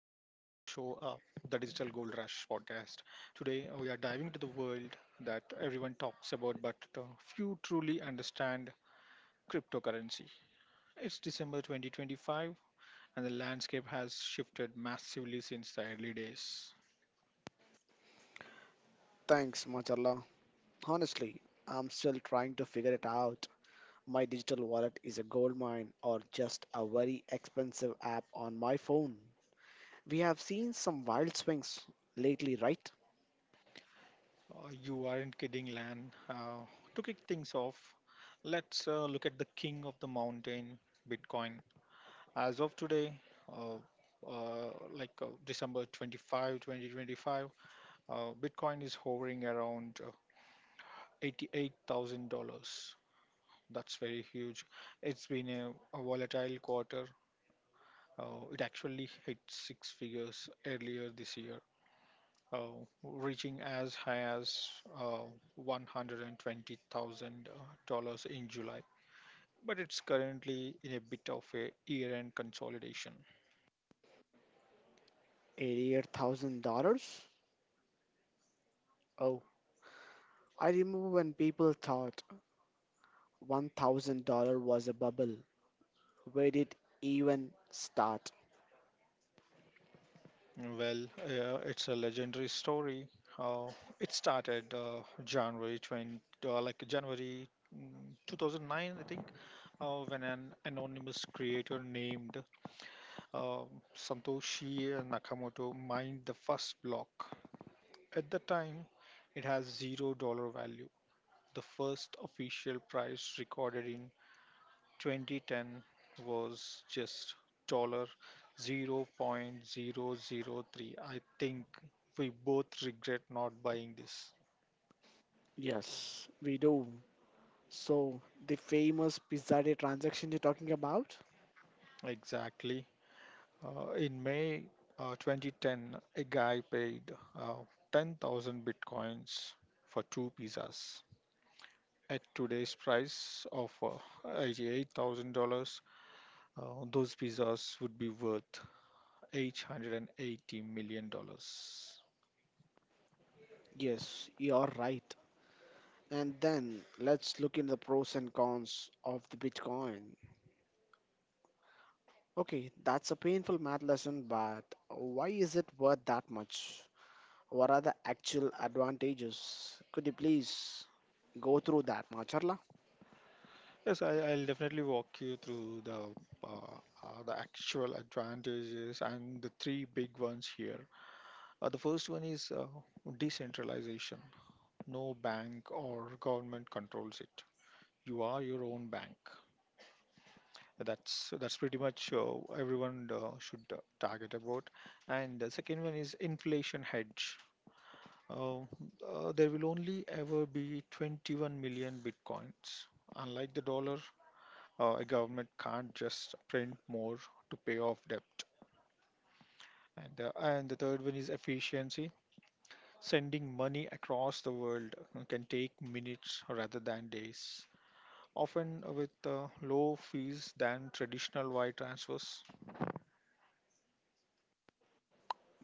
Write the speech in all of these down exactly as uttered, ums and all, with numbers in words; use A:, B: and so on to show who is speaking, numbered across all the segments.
A: uh, the Digital Gold Rush podcast. Today uh, we are diving into the world that everyone talks about, but uh, few truly understand cryptocurrency. It's December twenty twenty-five, and the landscape has shifted massively since the early days.
B: Thanks much, Allah. Honestly, I'm still trying to figure it out. My digital wallet is a goldmine or just a very expensive app on my phone. We have seen some wild swings lately, right?
A: Uh, you aren't kidding, Lan. Uh, to kick things off, let's uh, look at the king of the mountain, Bitcoin. As of today, uh, uh, like uh, December twenty-fifth, twenty twenty-five, twenty twenty-five, uh, Bitcoin is hovering around uh, eighty-eight thousand dollars. That's very huge. It's been a, a volatile quarter. Uh, it actually hit six figures earlier this year, uh, reaching as high as uh, one hundred twenty thousand dollars in July. But it's currently in a bit of a year-end consolidation.
B: eighty-eight thousand dollars? Oh, I remember when people thought one thousand dollars was a bubble. Where did even start?
A: Well, uh, it's a legendary story. Uh, it started uh, January twentieth, uh, like January mm, two thousand nine, I think, uh, when an anonymous creator named uh, Santoshi Nakamoto mined the first block. At the time, it has zero dollar value. The first official price recorded in twenty ten was just dollar zero point zero zero 0.003. I think we both regret not buying this.
B: Yes, we do. So, the famous Pizza Day transaction you're talking about?
A: Exactly. Uh, in May uh, twenty ten, a guy paid uh, ten thousand bitcoins for two pizzas. At today's price of uh, eighty-eight thousand dollars uh, those pizzas would be worth eight hundred eighty million dollars dollars.
B: Yes, you're right. And then let's look into the pros and cons of the Bitcoin. Okay, that's a painful math lesson, but why is it worth that much? What are the actual advantages? Could you please go through that, Macharla?
A: Yes, I, I'll definitely walk you through the uh, uh, the actual advantages and the three big ones here. Uh, the first one is uh, decentralization. No bank or government controls it. You are your own bank. That's that's pretty much, uh, everyone uh, should uh, target about. And the second one is inflation hedge. Uh, uh, there will only ever be twenty-one million bitcoins. Unlike the dollar, Uh, a government can't just print more to pay off debt. And the, and the third one is efficiency. Sending money across the world uh, can take minutes rather than days, often with uh, low fees than traditional wire transfers.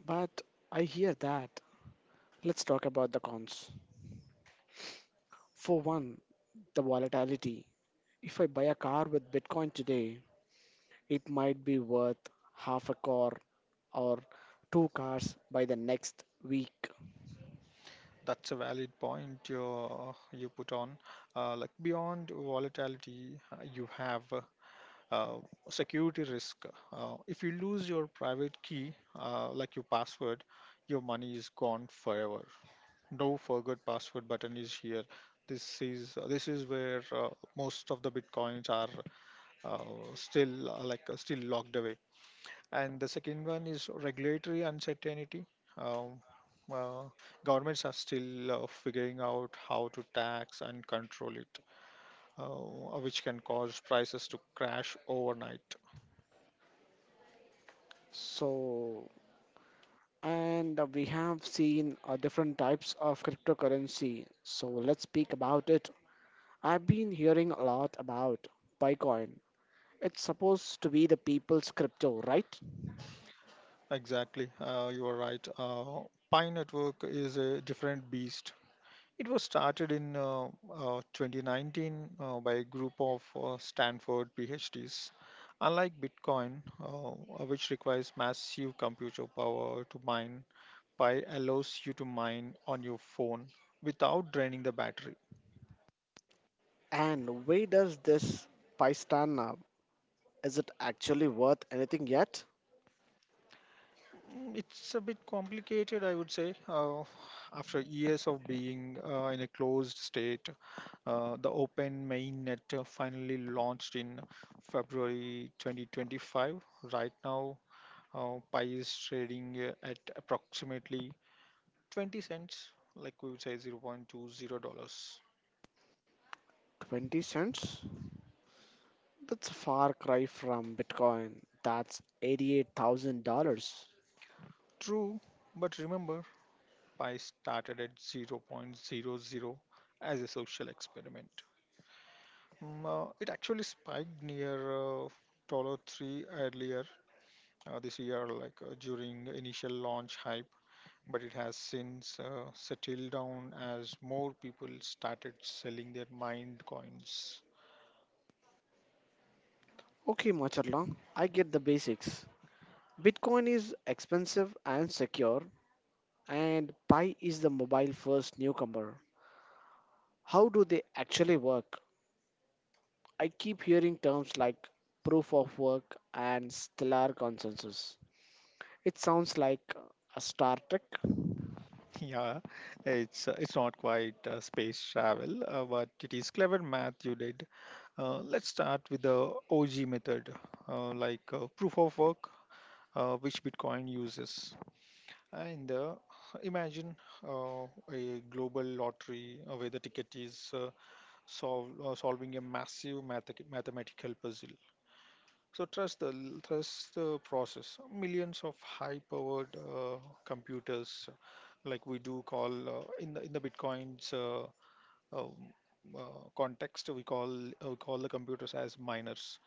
B: But I hear that. Let's talk about the cons. For one, the volatility. If I buy a car with Bitcoin today, it might be worth half a car or two cars by the next week.
A: That's a valid point you, uh, you put on. Uh, like beyond volatility, uh, you have uh, uh, security risk. Uh, if you lose your private key, uh, like your password, your money is gone forever. No forgot password button is here. This is this is where uh, most of the bitcoins are uh, still uh, like uh, still locked away. And the second one is regulatory uncertainty. Um, uh, Governments are still uh, figuring out how to tax and control it, uh, which can cause prices to crash overnight.
B: So and uh, we have seen uh, different types of cryptocurrency. So let's speak about it. I've been hearing a lot about Bitcoin. It's supposed to be the people's crypto, right?
A: Exactly, uh, you are right. Uh, Pi Network is a different beast. It was started in uh, uh, twenty nineteen uh, by a group of uh, Stanford PhDs. Unlike Bitcoin, uh, uh, which requires massive computer power to mine, Pi allows you to mine on your phone without draining the battery.
B: And where does this Pi stand now? Is it actually worth anything yet?
A: Mm, it's a bit complicated, I would say. Uh, after years of being uh, in a closed state, uh, the open mainnet uh, finally launched in February twenty twenty-five. Right now, Uh, pi is trading uh, at approximately twenty cents, like we would say zero point two zero dollars.
B: twenty cents? That's a far cry from Bitcoin. That's eighty-eight thousand dollars.
A: True, but remember, pi started at zero point zero zero point zero zero as a social experiment. Mm, uh, it actually spiked near uh, dollar three earlier uh, this year, like, uh, during initial launch hype, but it has since uh, settled down as more people started selling their mined coins.
B: Okay, Macharla, I get the basics. Bitcoin is expensive and secure, and Pi is the mobile first newcomer. How do they actually work? I keep hearing terms like proof of work and stellar consensus. It sounds like a Star Trek.
A: Yeah, it's uh, it's not quite uh, space travel, uh, but it is clever math you did. Uh, let's start with the O G method, uh, like, uh, proof of work, uh, which Bitcoin uses. And uh, imagine uh, a global lottery uh, where the ticket is uh, solve, uh, solving a massive mathe- mathematical puzzle. So trust the trust the process. Millions of high-powered uh, computers, like we do call uh, in the in the Bitcoin's uh, um, uh, context, we call uh, we call the computers as miners.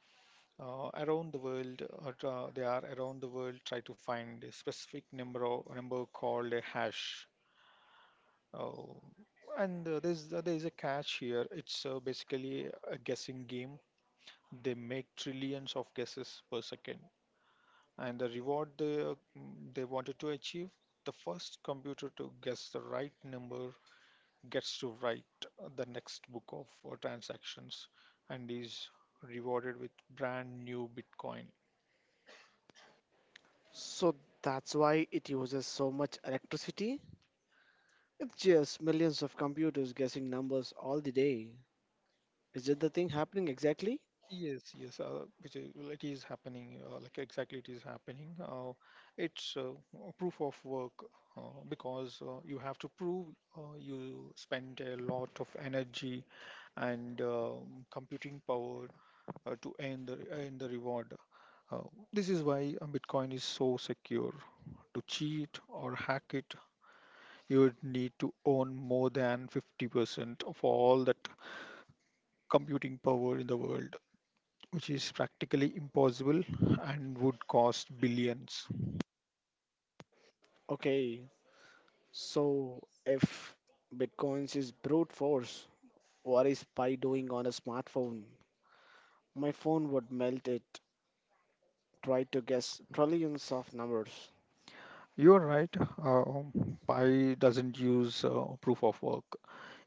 A: Uh, around the world, uh, tra- they are around the world try to find a specific number of, number called a hash. Uh, and uh, there's uh, there is a catch here. It's uh, basically a guessing game. They make trillions of guesses per second, and the reward they, uh, they wanted to achieve: the first computer to guess the right number gets to write the next book of uh, transactions and is rewarded with brand new bitcoin.
B: So that's why it uses so much electricity? It's just millions of computers guessing numbers all the day. Is it the thing happening exactly?
A: Yes, yes, uh, which is, well, it is happening, uh, like, exactly it is happening. Uh, it's uh, A proof of work, uh, because uh, you have to prove uh, you spend a lot of energy and, um, computing power, uh, to earn the, earn the reward. Uh, this is why uh, Bitcoin is so secure. To cheat or hack it, you would need to own more than fifty percent of all that computing power in the world, which is practically impossible and would cost billions.
B: Okay, so if Bitcoins is brute force, what is Pi doing on a smartphone? My phone would melt it try to guess trillions of numbers.
A: You're right. uh, um, Pi doesn't use uh, proof of work.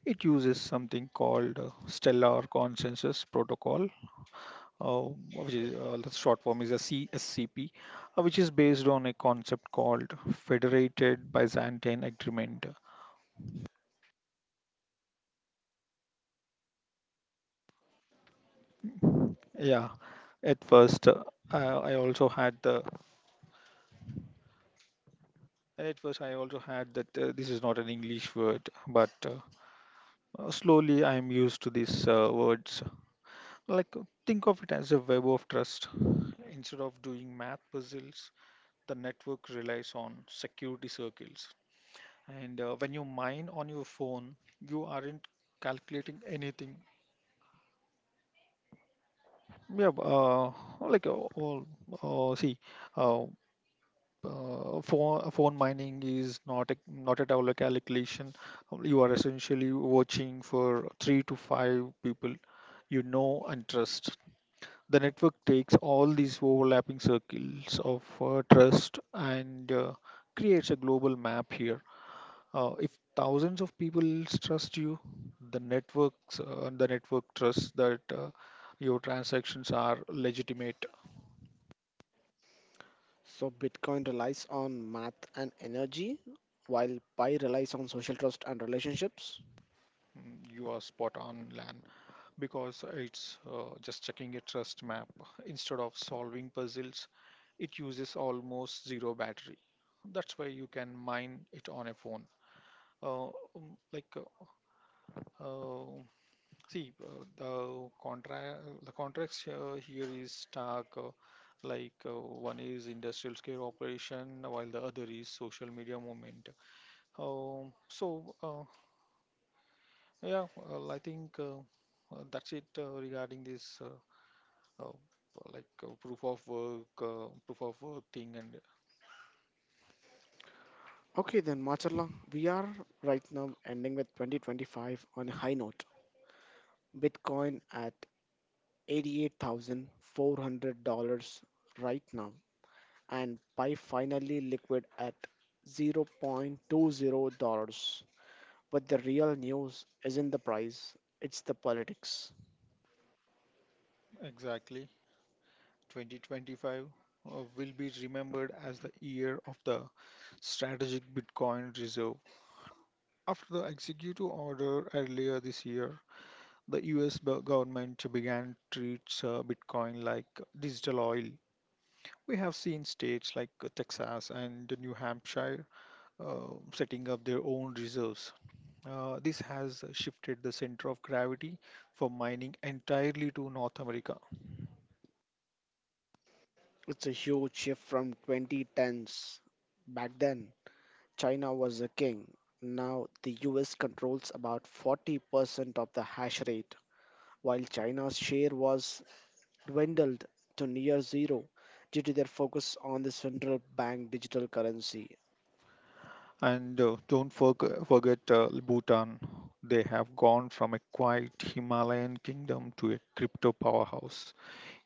A: It uses something called uh, Stellar Consensus Protocol, uh, which is uh, the short form is a C S C P, uh, which is based on a concept called Federated Byzantine Agreement. Yeah, at first uh, I, I also had the at first I also had that, uh, this is not an English word, but uh, Uh, slowly, I am used to these uh, words. Like, uh, think of it as a web of trust. Instead of doing math puzzles, the network relies on security circles. And uh, When you mine on your phone, you aren't calculating anything. Yeah, b- uh, like, uh, all, uh, see, uh, uh, phone, uh, phone mining is not a, not at all a calculation. You are essentially watching for three to five people you know and trust. The network takes all these overlapping circles of uh, trust and uh, creates a global map here. Uh, if thousands of people trust you, the networks uh, the network trusts that uh, your transactions are legitimate.
B: So Bitcoin relies on math and energy, while Pi relies on social trust and relationships.
A: Mm, you are spot on, Lan. Because it's uh, just checking a trust map instead of solving puzzles, it uses almost zero battery. That's why you can mine it on a phone. uh, um, like uh, Uh, see, uh, the contract the contracts uh, here is stark. Uh, like, uh, one is industrial scale operation, while the other is social media movement. Um, so, uh, yeah, well, I think, uh, uh, that's it uh, regarding this, uh, uh, like uh, proof of work, uh, proof of work thing, and
B: Okay, then Macharla, we are right now ending with twenty twenty-five on a high note. Bitcoin at eighty-eight thousand four hundred dollars right now, and Pi finally liquid at zero point two zero dollars. But the real news isn't the price, it's the politics.
A: exactly twenty twenty-five uh, will be remembered as the year of the strategic Bitcoin reserve. After the executive order earlier this year, the U S government began treats uh, Bitcoin like digital oil. We have seen states like uh, Texas and New Hampshire uh, setting up their own reserves. Uh, this has shifted the center of gravity for mining entirely to North America.
B: It's a huge shift from twenty tens. Back then, China was the king. Now, the U S controls about forty percent of the hash rate, while China's share was dwindled to near zero due to their focus on the central bank digital currency.
A: And uh, Don't forg- forget uh, Bhutan. They have gone from a quiet Himalayan kingdom to a crypto powerhouse,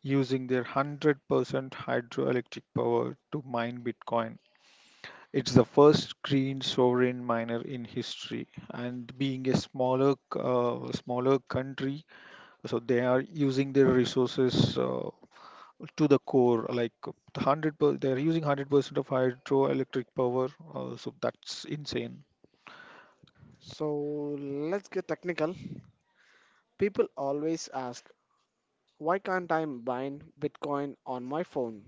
A: using their one hundred percent hydroelectric power to mine Bitcoin. It's the first green sovereign miner in history, and being a smaller uh, smaller country, so they are using their resources uh, to the core. Like one hundred, per, they are using one hundred percent of hydroelectric power. Uh, so that's insane.
B: So, let's get technical. People always ask, why can't I mine Bitcoin on my phone?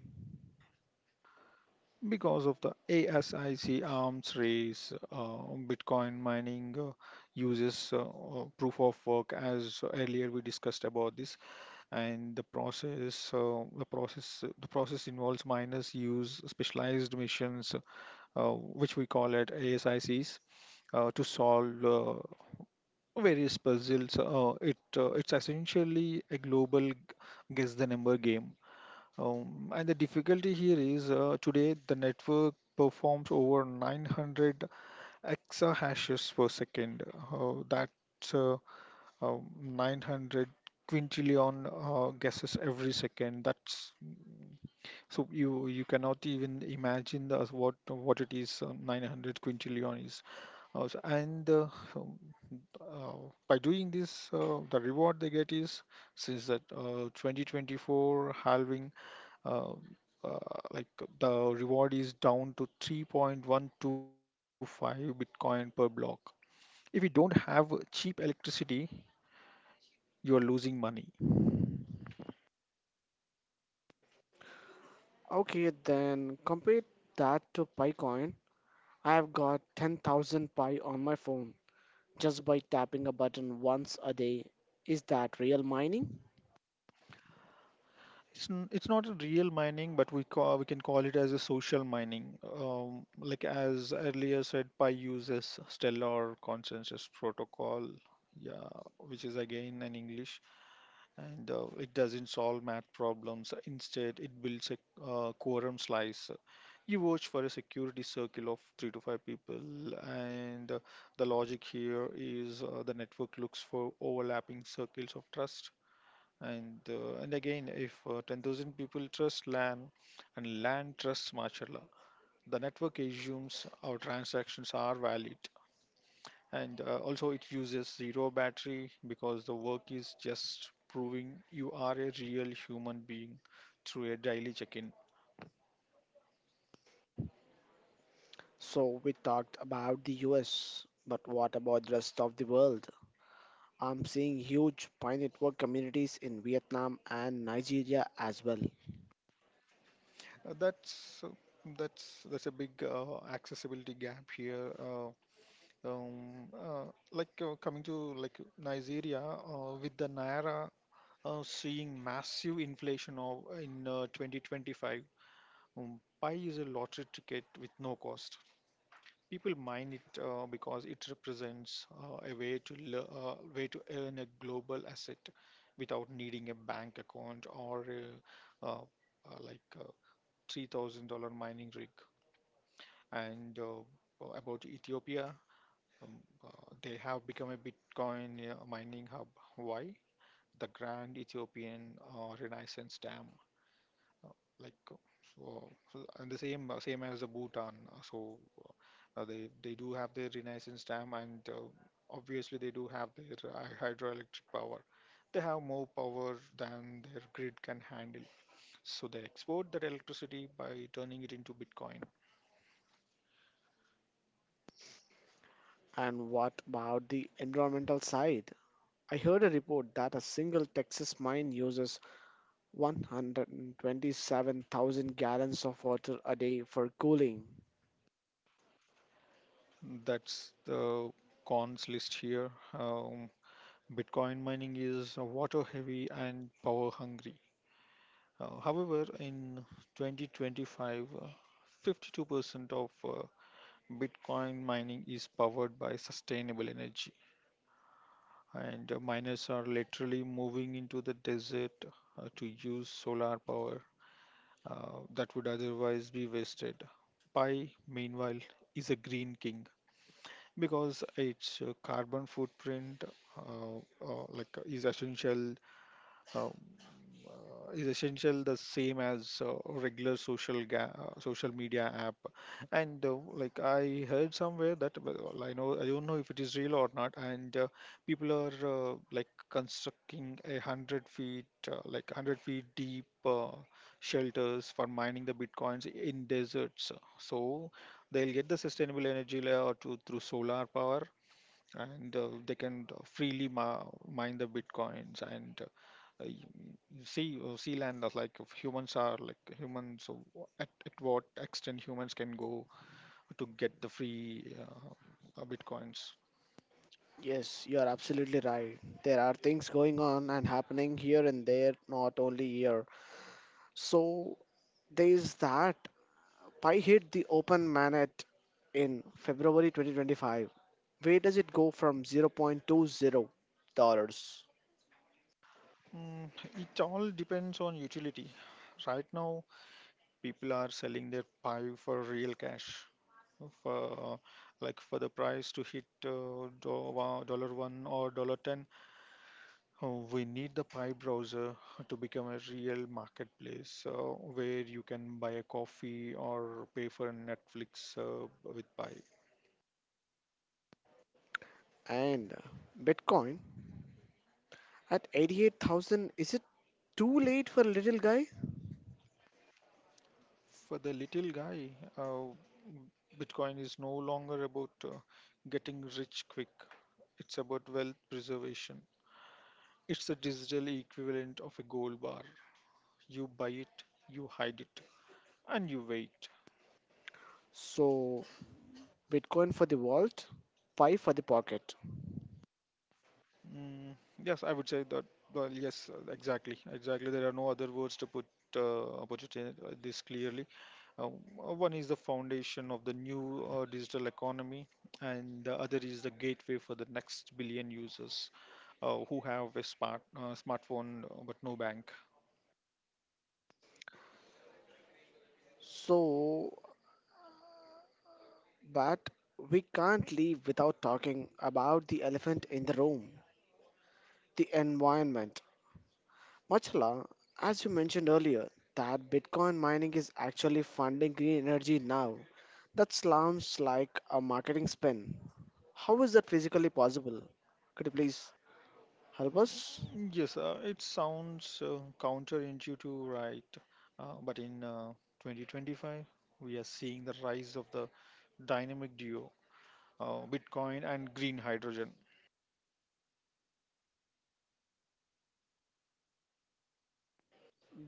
A: Because of the ASIC arms race, uh, Bitcoin mining uh, uses uh, uh, proof of work, as earlier we discussed about this, and the process, uh, the process, the process involves miners use specialized missions, uh, which we call it ASICs, uh, to solve uh, various puzzles. Uh, it uh, it's essentially a global g- guess the number game. Um, and the difficulty here is uh, today the network performs over nine hundred exahashes per second. Uh, that's uh, uh, nine hundred quintillion uh, guesses every second. That's, so you you cannot even imagine the, what what it is, uh, nine hundred quintillion is. Uh, so- and uh, um, uh, by doing this, uh, the reward they get is, since that uh, twenty twenty-four halving, uh, uh, like the reward is down to three point one two five Bitcoin per block. If you don't have cheap electricity, you are losing money.
B: Okay, then compare that to PyCoin. I've got ten thousand Pi on my phone just by tapping a button once a day. Is that real mining?
A: It's, n- it's not a real mining, but we call, we can call it as a social mining. Um, like, as earlier said, Pi uses Stellar Consensus Protocol, yeah, which is again in English, and uh, it doesn't solve math problems. Instead, it builds a uh, quorum slice. You watch for a security circle of three to five people, and uh, the logic here is uh, the network looks for overlapping circles of trust, and uh, and again, if uh, ten thousand people trust Lan and Lan trusts martial. The network assumes our transactions are valid. And uh, Also, it uses zero battery because the work is just proving you are a real human being through a daily check-in.
B: So we talked about the U S, but what about the rest of the world? I'm seeing huge Pi network communities in Vietnam and Nigeria as well.
A: Uh, that's uh, that's that's a big uh, accessibility gap here. Uh, um, uh, like uh, Coming to, like, Nigeria, uh, with the Naira uh, seeing massive inflation of, in uh, twenty twenty-five. Um, Pi is a lottery ticket with no cost. People mine it uh, because it represents uh, a way to le- uh, way to earn a global asset without needing a bank account or a, uh, uh, like a three thousand dollars mining rig. And uh, about Ethiopia, um, uh, they have become a Bitcoin uh, mining hub. Why? The Grand Ethiopian uh, Renaissance Dam. uh, like uh, so, so and the same uh, same as the Bhutan. uh, So uh, they they do have their Renaissance dam, and uh, obviously they do have their uh, hydroelectric power. They have more power than their grid can handle, so they export that electricity by turning it into Bitcoin.
B: And what about the environmental side? I heard a report that a single Texas mine uses one hundred twenty-seven thousand gallons of water a day for cooling.
A: That's the cons list here. Um, Bitcoin mining is water heavy and power hungry. Uh, however, in twenty twenty-five, uh, fifty-two percent of uh, Bitcoin mining is powered by sustainable energy, and uh, miners are literally moving into the desert uh, to use solar power uh, that would otherwise be wasted. Pi, meanwhile, is a green king because its uh, carbon footprint uh, uh, like uh, is essential, um, uh, is essential the same as uh, regular social ga- uh, social media app. And uh, like I heard somewhere that, well, well, i know i don't know if it is real or not, and uh, people are uh, like constructing a hundred feet, uh, like hundred feet deep uh, shelters for mining the bitcoins in deserts, so they'll get the sustainable energy layer to, through solar power, and uh, they can uh, freely ma- mine the bitcoins, and uh, uh, y- see uh, see land of, like, if humans are like humans, so wha- at, at what extent humans can go to get the free uh, uh, bitcoins.
B: Yes, you are absolutely right. There are things going on and happening here and there, not only here. So there is that. Pi hit the open manet in February twenty twenty-five. Where does it go from zero point two zero dollars
A: Mm, it all depends on utility. Right now, people are selling their pie for real cash, for uh, like for the price to hit uh, do- wa- dollar one or dollar ten. Uh, we need the Pi browser to become a real marketplace uh, where you can buy a coffee or pay for Netflix uh, with Pi.
B: and Bitcoin at eighty-eight thousand? Is it too late for a little guy?
A: For the little guy, uh, Bitcoin is no longer about uh, getting rich quick. It's about wealth preservation. It's the digital equivalent of a gold bar. You buy it, you hide it, and you wait.
B: So Bitcoin for the vault, Pi for the pocket.
A: Mm, yes, I would say that. Well, yes, uh, exactly, exactly. There are no other words to put uh, opposite uh, this clearly. Uh, uh, one is the foundation of the new uh, digital economy, and the other is the gateway for the next billion users uh, who have a smart uh, smartphone uh, but no bank.
B: So, but we can't leave without talking about the elephant in the room, the environment. Machala, as you mentioned earlier, that Bitcoin mining is actually funding green energy now. That sounds like a marketing spin. How is that physically possible? Could you please help us?
A: Yes, uh, it sounds uh, counterintuitive, right? Uh, but in uh, twenty twenty-five, we are seeing the rise of the dynamic duo, uh, Bitcoin and green hydrogen.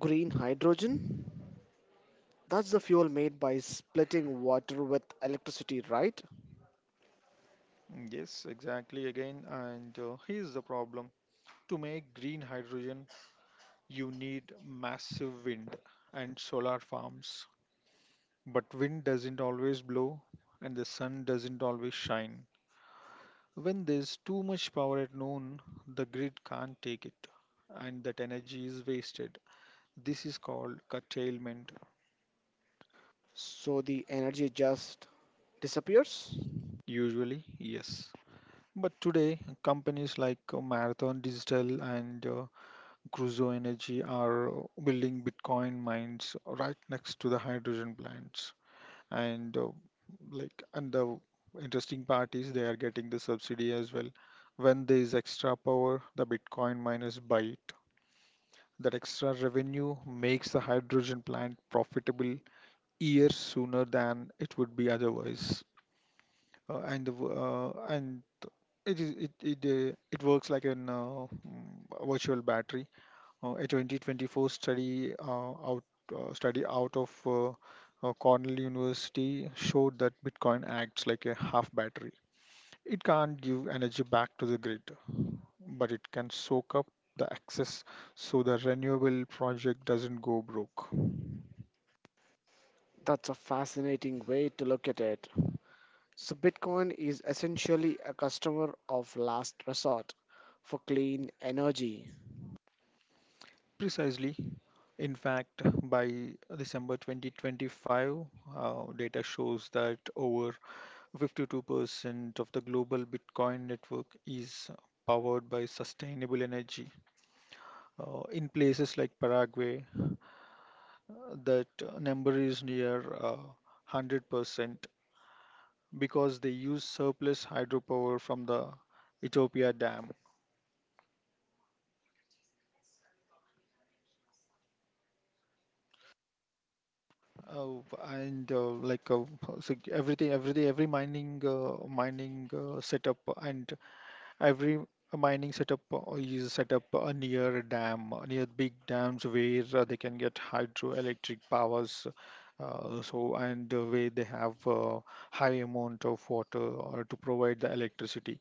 B: Green hydrogen? That's the fuel made by splitting water with electricity, right?
A: Yes, exactly again. And uh, here's the problem: to make green hydrogen, you need massive wind and solar farms. But wind doesn't always blow, and the sun doesn't always shine. When there's too much power at noon, the grid can't take it, and that energy is wasted. This is called curtailment.
B: So the energy just disappears?
A: Usually, yes. But today, companies like uh, Marathon Digital and uh, Crusoe Energy are building Bitcoin mines right next to the hydrogen plants. And uh, like, and the interesting part is they are getting the subsidy as well. When there is extra power, the Bitcoin miners buy it. That extra revenue makes the hydrogen plant profitable years sooner than it would be otherwise. Uh, and the, w- uh, and it is it it, uh, it works like an uh, mm, virtual battery. Uh, a twenty twenty-four study, uh, out uh, study out of uh, uh, Cornell University, showed that Bitcoin acts like a half battery. It can't give energy back to the grid, but it can soak up the excess so the renewable project doesn't go broke.
B: That's a fascinating way to look at it. So Bitcoin is essentially a customer of last resort for clean energy.
A: Precisely. In fact, by December twenty twenty-five, uh, data shows that over fifty-two percent of the global Bitcoin network is powered by sustainable energy. Uh, in places like Paraguay, uh, that uh, number is near uh, one hundred percent because they use surplus hydropower from the Ethiopia dam. Uh, and uh, like uh, so everything, every every mining uh, mining uh, setup and Every mining setup uh, is set up uh, near a dam, uh, near big dams where uh, they can get hydroelectric powers. Uh, so, and uh, Where they have uh, high amount of water or to provide the electricity.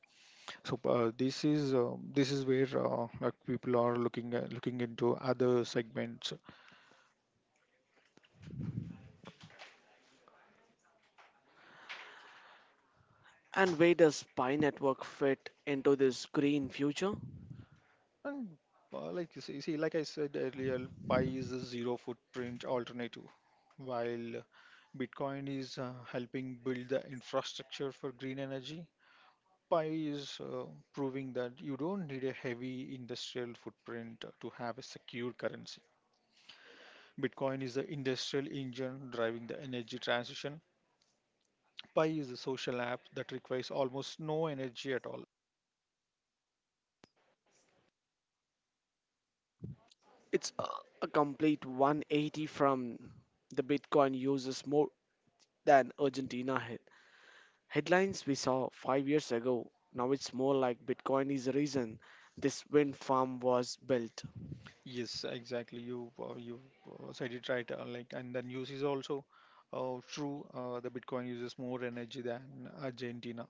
A: So, uh, this is uh, this is where uh, like people are looking at, looking into other segments.
B: And where does Pi Network fit into this green future?
A: And uh, like you see, see, like I said earlier, Pi is a zero footprint alternative, while Bitcoin is uh, helping build the infrastructure for green energy. Pi is uh, proving that you don't need a heavy industrial footprint to have a secure currency. Bitcoin is the industrial engine driving the energy transition. Pi is a social app that requires almost no energy at all.
B: It's a a complete one eighty from the Bitcoin uses more than Argentina head. Headlines we saw five years ago. Now it's more like Bitcoin is the reason this wind farm was built.
A: Yes, exactly. You uh, you uh, said it right. Uh, like, and the news is also uh, true. Uh, the Bitcoin uses more energy than Argentina.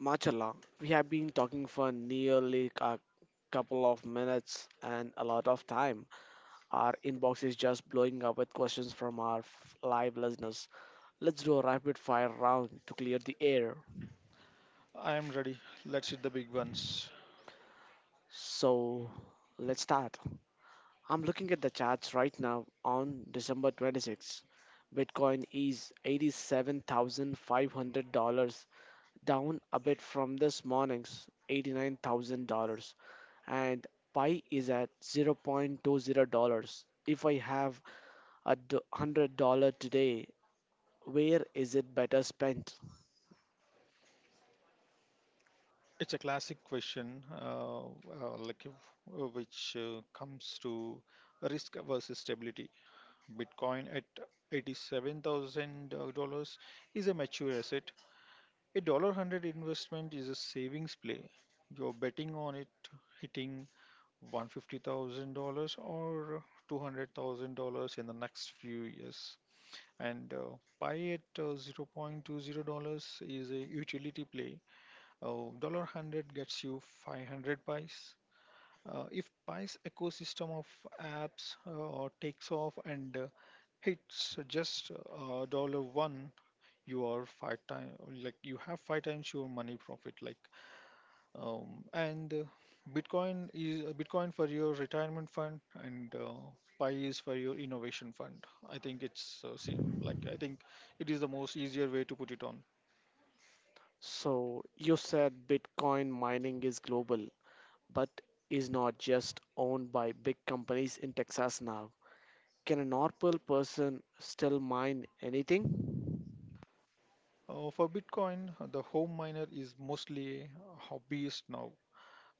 B: Machala, we have been talking for nearly a couple of minutes and a lot of time. Our inbox is just blowing up with questions from our f- live listeners. Let's do a rapid fire round to clear the air.
A: I am ready. Let's hit the big ones.
B: So, let's start. I'm looking at the charts right now on December twenty-sixth. Bitcoin is eighty-seven thousand five hundred dollars down a bit from this morning's eighty-nine thousand dollars and Pi is at zero point two zero dollars. If I have a do- one hundred dollars today, where is it better spent?
A: It's a classic question, uh, uh, like if- uh, which uh, comes to risk versus stability. Bitcoin at eighty-seven thousand dollars is a mature asset. A dollar hundred investment is a savings play. You're betting on it hitting one hundred fifty thousand dollars or two hundred thousand dollars in the next few years. And uh, buy at uh, zero point two zero dollars is a utility play. Uh, a hundred gets you five hundred buys. Uh, if buys ecosystem of apps uh, takes off and uh, hits just uh, dollar one, you are five times like you have five times your money profit. Like um, and uh, Bitcoin is uh, Bitcoin for your retirement fund, and uh, Pi is for your innovation fund. I think it's uh, same, like I think it is the most easier way to put it on.
B: So you said Bitcoin mining is global, but is not just owned by big companies in Texas now. Can a normal person still mine anything?
A: Uh, for Bitcoin, uh, the home miner is mostly a hobbyist now.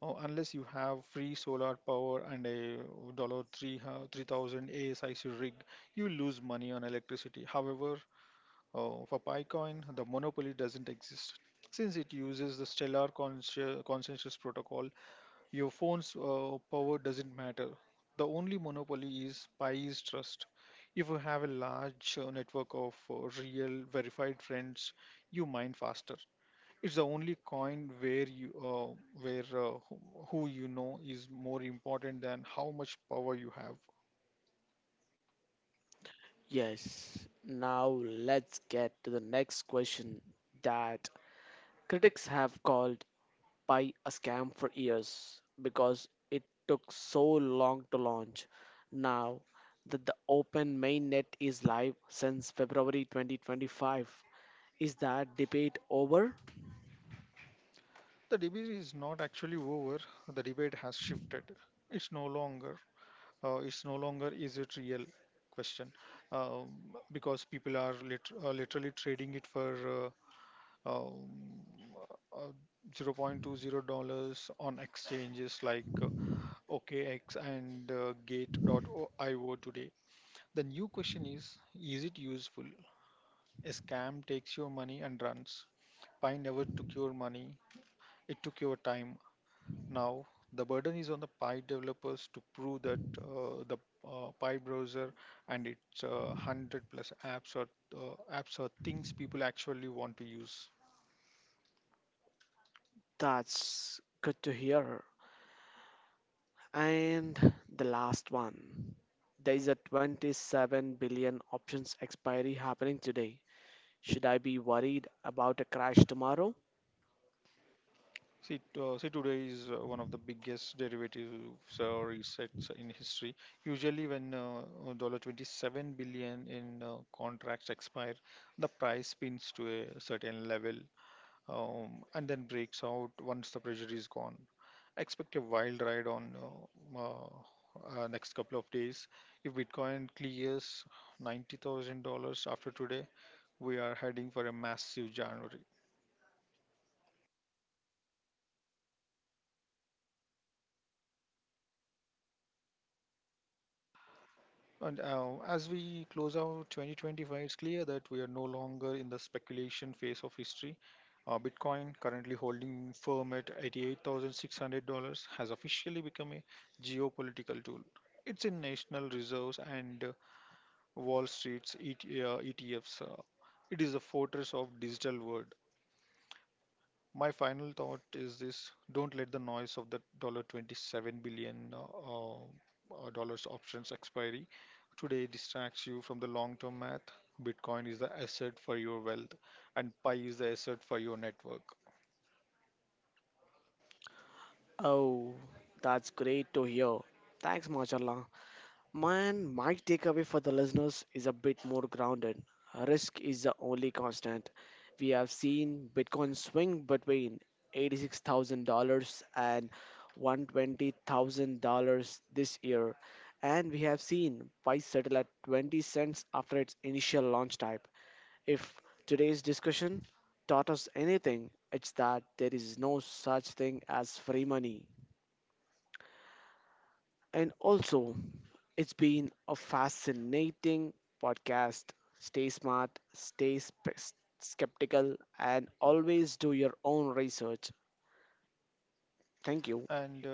A: Uh, unless you have free solar power and a dollar three uh, three thousand ASIC rig, you lose money on electricity. However, Uh, for PyCoin, the monopoly doesn't exist. Since it uses the Stellar consci- consensus protocol, your phone's uh, power doesn't matter. The only monopoly is Pi's trust. If you have a large uh, network of uh, real, verified friends, you mine faster. It's the only coin where you, uh, where uh, who who you know is more important than how much power you have.
B: Yes. Now let's get to the next question that critics have called Pi a scam for years because it took so long to launch. Now that the open mainnet is live since February twenty twenty-five. Is that debate over?
A: The debate is not actually over. The debate has shifted. It's no longer uh, it's no longer is it real question, um, because people are lit- uh, literally trading it for uh, um, uh, zero point two zero dollars on exchanges like uh, O K X and uh, gate dot i o today. The new question is is it useful? A scam takes your money and runs. Pi never took your money, it took your time. Now, the burden is on the Py developers to prove that uh, the uh, Py browser and its uh, a hundred plus apps are, uh, apps are things people actually want to use.
B: That's good to hear. And the last one. There is a twenty-seven billion options expiry happening today. Should I be worried about a crash tomorrow?
A: See, uh, see today is uh, one of the biggest derivatives or resets in history. Usually, when uh, dollar twenty-seven billion dollars in uh, contracts expire, the price spins to a certain level, um, and then breaks out once the pressure is gone. Expect a wild ride on uh, uh, uh, next couple of days. If Bitcoin clears ninety thousand dollars after today, we are heading for a massive January. And uh, as we close out twenty twenty-five, it's clear that we are no longer in the speculation phase of history. Uh, Bitcoin, currently holding firm at eighty-eight thousand six hundred dollars has officially become a geopolitical tool. It's in national reserves and uh, Wall Street's E T, uh, E T Fs. Uh, it is a fortress of digital world. My final thought is this: don't let the noise of the dollar twenty-seven billion uh, uh, dollars options expiry today distracts you from the long-term math. Bitcoin is the asset for your wealth, and Pi is the asset for your network.
B: Oh, that's great to hear. Thanks, Machallah. Man, my takeaway for the listeners is a bit more grounded. Risk is the only constant. We have seen Bitcoin swing between eighty-six thousand dollars and one hundred twenty thousand dollars this year, and we have seen price settle at twenty cents after its initial launch type. If today's discussion taught us anything, it's that there is no such thing as free money. And also, it's been a fascinating podcast. Stay smart, stay spe- skeptical, and always do your own research. Thank you.
A: And uh,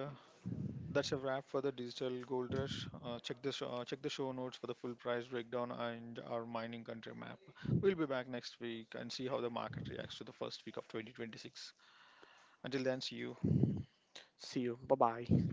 A: that's a wrap for the digital gold rush. Uh, check the show, check the show notes for the full price breakdown and our mining country map. We'll be back next week and see how the market reacts to the first week of twenty twenty-six. Until then, see you.
B: See you. Bye bye.